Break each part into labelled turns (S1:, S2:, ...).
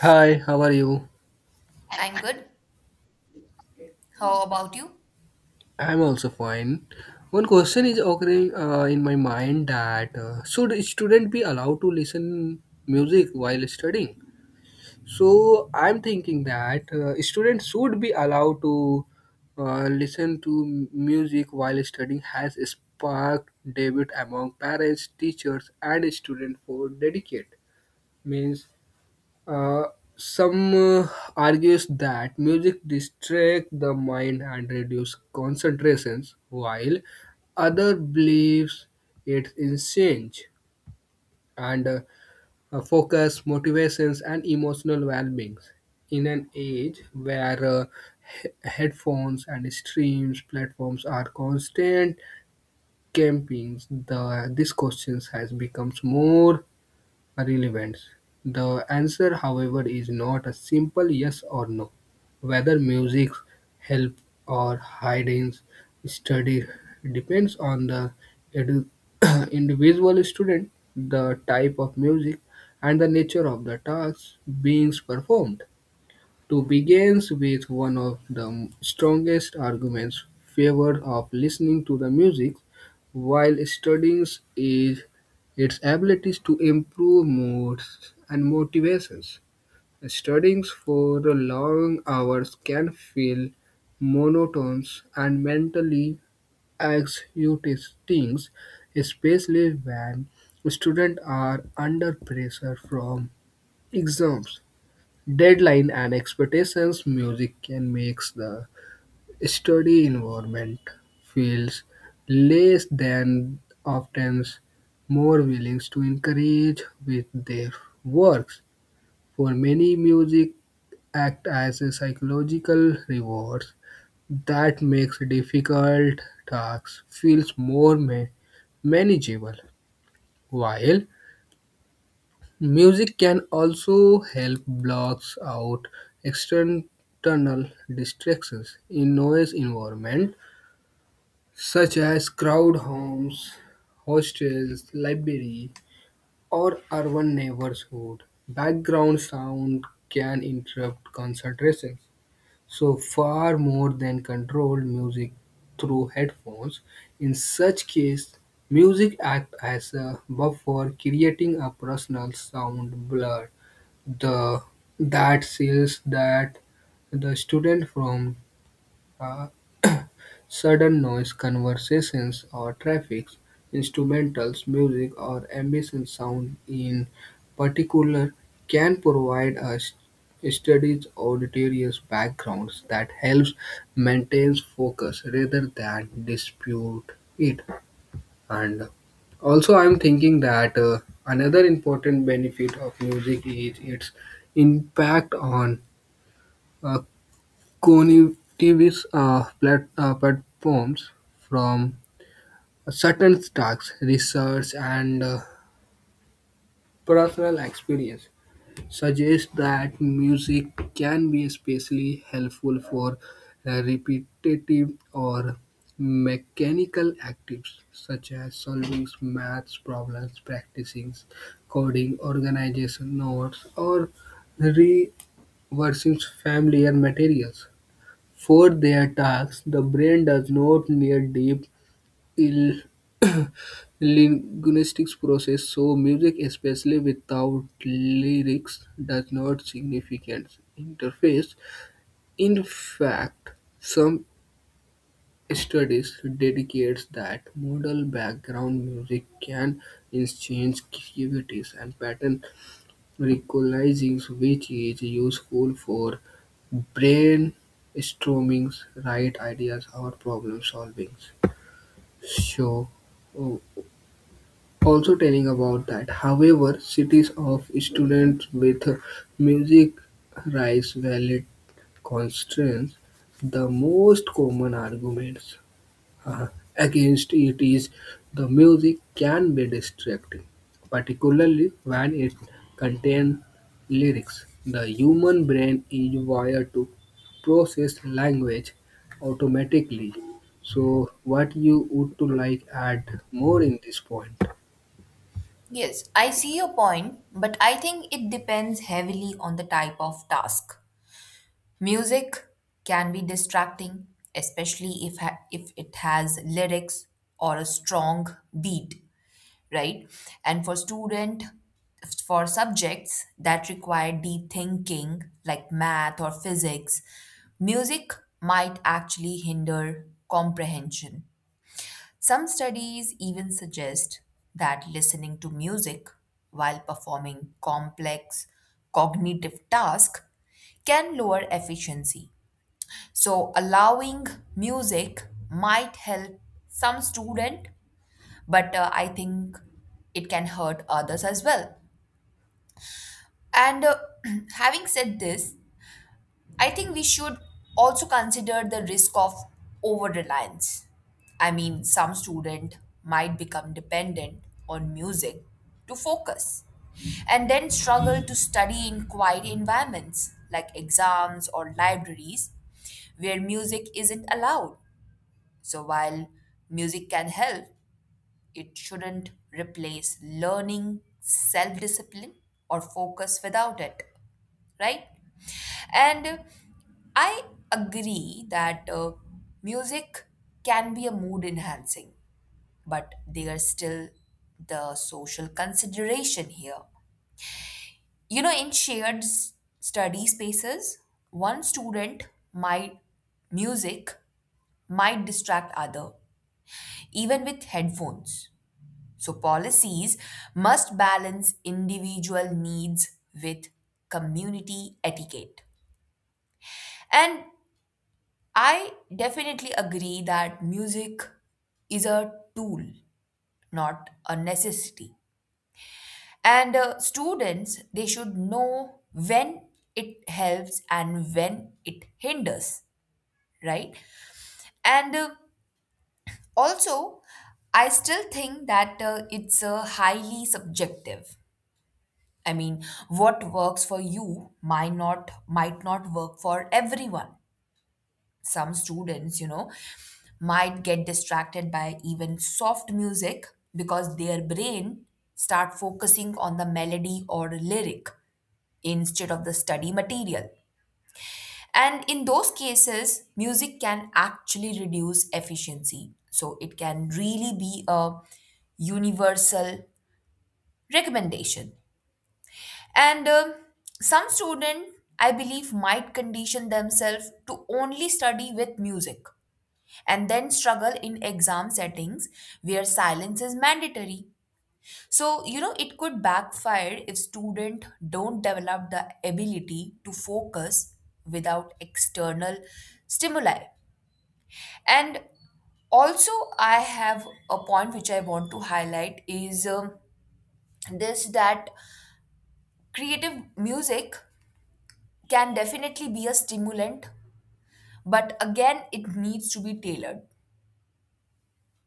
S1: Hi, how are you?
S2: I'm good. How about you?
S1: I'm also fine. One question is occurring in my mind that should a student be allowed to listen music while studying? So I'm thinking that students should be allowed to listen to music while studying has sparked debate among parents, teachers, and students for dedicate means. Uh, some argues that music distracts the mind and reduces concentrations, while other believes it in change and focus, motivations, and emotional well-beings. In an age where headphones and streams platforms are constant campings, the this question has becomes more relevance. The answer, however, is not a simple yes or no. Whether music helps or hidings study depends on the edu- individual student, the type of music, and the nature of the tasks being performed to begins with one of the strongest arguments favored of listening to the music while studying is its abilities to improve moods and motivations. Studying for long hours can feel monotonous and mentally exhausting, especially when students are under pressure from exams, deadline and expectations. Music can make the study environment feels less than often more willing to encourage with their works. For many, music act as a psychological reward that makes difficult tasks feels more manageable, while music can also help blocks out external distractions in noise environment, such as crowd homes, hostels, library, or urban neighborhood. Background sound can interrupt concentration. So far more than controlled music through headphones. In such case, music acts as a buffer creating a personal sound blur the that says that the student from uh, sudden noise, conversations or traffic, instrumentals, music or ambient sound in particular can provide a study's auditorious backgrounds that helps maintain focus rather than dispute it. And also, I'm thinking that another important benefit of music is its impact on uh, cognitive platforms from certain tasks, research, and personal experience. Suggests that music can be especially helpful for repetitive or mechanical activities such as solving math problems, practicing coding, organization notes, or reversing familiar materials. For their tasks, the brain does not need deep il- linguistics process so music especially without lyrics does not significant interface. In fact, some studies dedicates that modal background music can enhance creativity and pattern recognizing which is useful for brainstorming right ideas or problem solving. So oh, also telling about that, however, cities of students with music rights valid constraints. The most common arguments uh, against it is the music can be distracting, particularly when it contains lyrics. The human brain is wired to process language automatically. So, what you would to like add more in this point? Thank
S2: Yes, I see your point, but I think it depends heavily on the type of task. Music can be distracting, especially if it has lyrics or a strong beat, right? And for subjects that require deep thinking like math or physics, music might actually hinder comprehension. Some studies even suggest that listening to music while performing complex cognitive tasks can lower efficiency. So, allowing music might help some student, but I think it can hurt others as well. And Having said this, I think we should also consider the risk of over reliance. I mean, some student might become dependent on music to focus and then struggle to study in quiet environments like exams or libraries where music isn't allowed. So while music can help, it shouldn't replace learning, self discipline, or focus without it, right? And I agree that music can be a mood enhancing, but there is still the social consideration here. You know, in study spaces, one student might music might distract other, even with headphones. So policies must balance individual needs with community etiquette. And I definitely agree that music is a tool, not a necessity. And students, they should know when it helps and when it hinders, right? And uh, also, I still think that it's highly subjective. I mean, what works for you might not work for everyone. Some students, you know, might get distracted by even soft music because their brain start focusing on the melody or lyric instead of the study material. And in those cases, music can actually reduce efficiency. So it can really be a universal recommendation. And some student, I believe, might condition themselves to only study with music and then struggle in exam settings where silence is mandatory. So, you know, it could backfire if students don't develop the ability to focus without external stimuli. And also, I have a point which I want to highlight is this that creative music can definitely be a stimulant, but again, it needs to be tailored.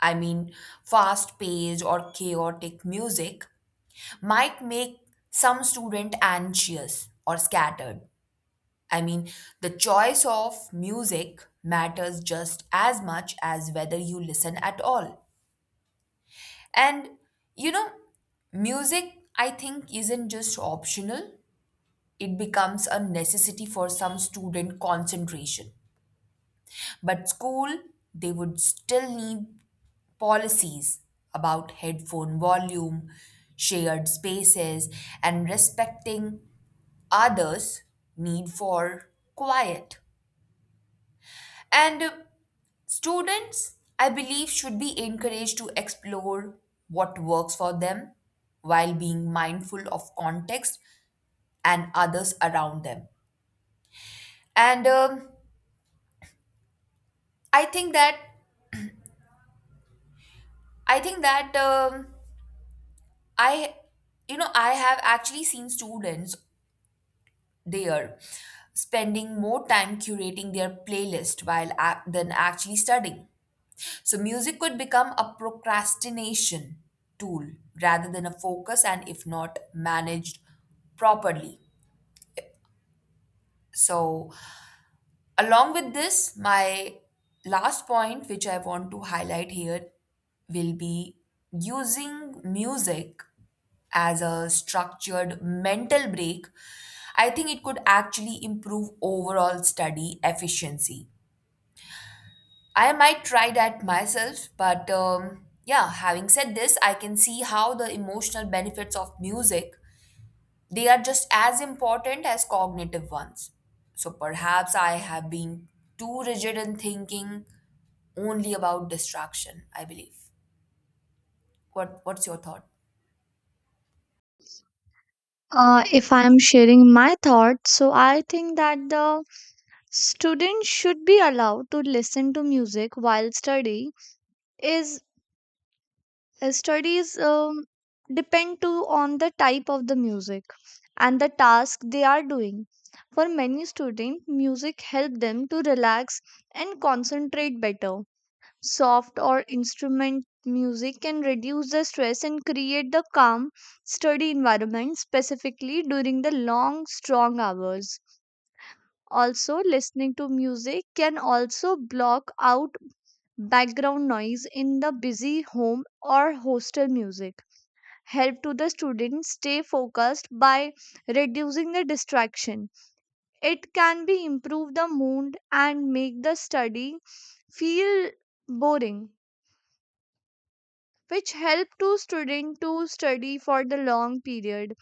S2: I mean, fast paced or chaotic music might make some student anxious or scattered. I mean, the choice of music matters just as much as whether you listen at all. And you know, music I think isn't just optional, it becomes a necessity for some student concentration. But school, they would still need policies about headphone volume, shared spaces, and respecting others' need for quiet. And students, I believe, should be encouraged to explore what works for them while being mindful of context and others around them. And I think that I think that I you know I have actually seen students they are spending more time curating their playlist than actually studying. So music could become a procrastination tool rather than a focus and if not managed properly. So along with this, my last point which I want to highlight here will be using music as a structured mental break, I think it could actually improve overall study efficiency. I might try that myself, but yeah, having said this, I can see how the emotional benefits of music they are just as important as cognitive ones. So perhaps I have been too rigid in thinking only about distraction, I believe. What's your thought?
S3: If I'm sharing my thoughts, so I think that the students should be allowed to listen to music while study is studies depend to on the type of the music and the task they are doing. For many students, music help them to relax and concentrate better. Soft or instrument music can reduce the stress and create the calm study environment specifically during the long strong hours. Also, listening to music can also block out background noise in the busy home or hostel. Music help to the students stay focused by reducing the distraction. It can be improve the mood and make the study feel boring, which help to student to study for the long period.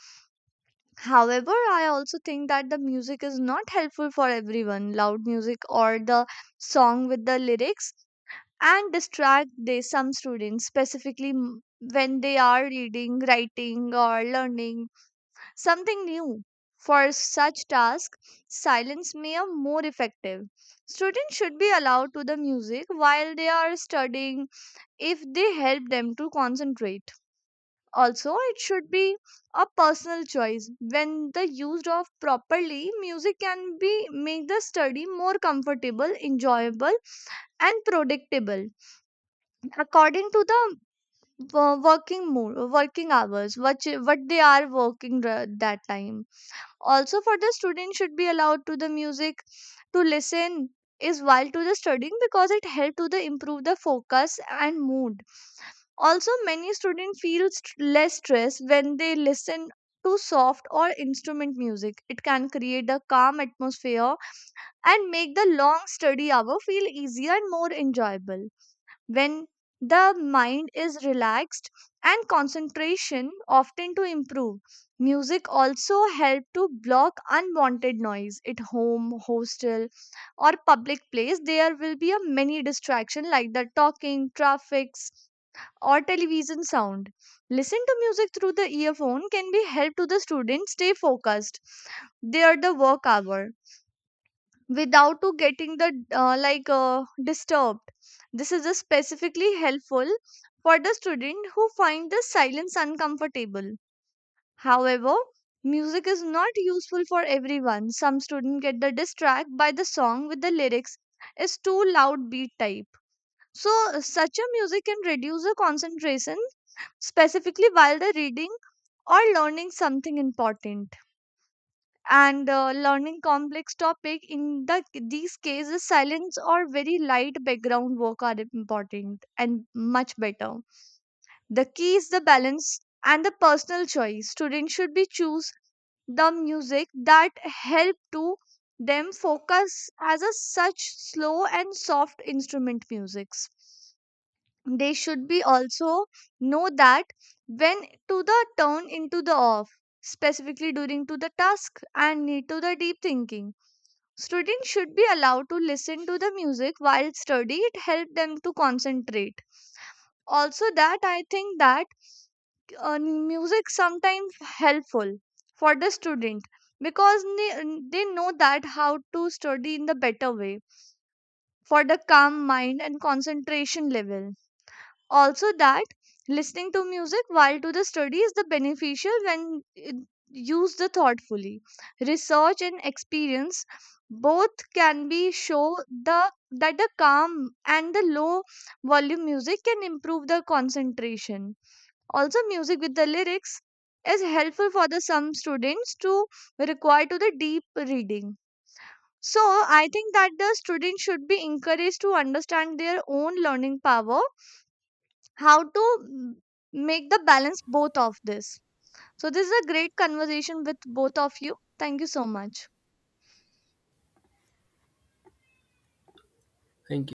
S3: However, I also think that the music is not helpful for everyone. Loud music or the song with the lyrics and distract they some students specifically when they are reading, writing or learning something new. For such task, silence may be more effective. Students should be allowed to the music while they are studying if they help them to concentrate. Also, it should be a personal choice. When the used of properly, music can be make the study more comfortable, enjoyable, and predictable according to the working mood, working hours, what they are working that time. Also, for the student should be allowed to the music to listen is while to the studying because it help to the improve the focus and mood. Also, many students feel less stress when they listen to soft or instrument music. It can create a calm atmosphere and make the long study hour feel easier and more enjoyable. When the mind is relaxed and concentration often to improve. Music also help to block unwanted noise at home, hostel, or public place there will be a many distraction like the talking traffics or television sound. Listen to music through the earphone can be help to the students stay focused they the work hour without to getting the disturbed. This is a specifically helpful for the student who find the silence uncomfortable. However, music is not useful for everyone. Some students get the distract by the song with the lyrics is too loud beat type. So, such a music can reduce the concentration specifically while they're reading or learning something important and learning complex topic in the these cases silence or very light background work are important and much better. The key is the balance and the personal choice. Students should be choose the music that help to them focus as a such slow and soft instrument musics. They should be also know that when to the turn into the off, specifically during to the task and need to the deep thinking. Students should be allowed to listen to the music while study. It help them to concentrate. Also, that I think that music sometimes helpful for the student because they know that how to study in the better way for the calm mind and concentration level. Also that listening to music while to the study is the beneficial when it used the thoughtfully. Research and experience both can be show the that the calm and the low volume music can improve the concentration. Also music with the lyrics is helpful for the some students to require to the deep reading. So I think that the students should be encouraged to understand their own learning power, how to make the balance both of this. So this is a great conversation with both of you, thank you so much.
S1: you.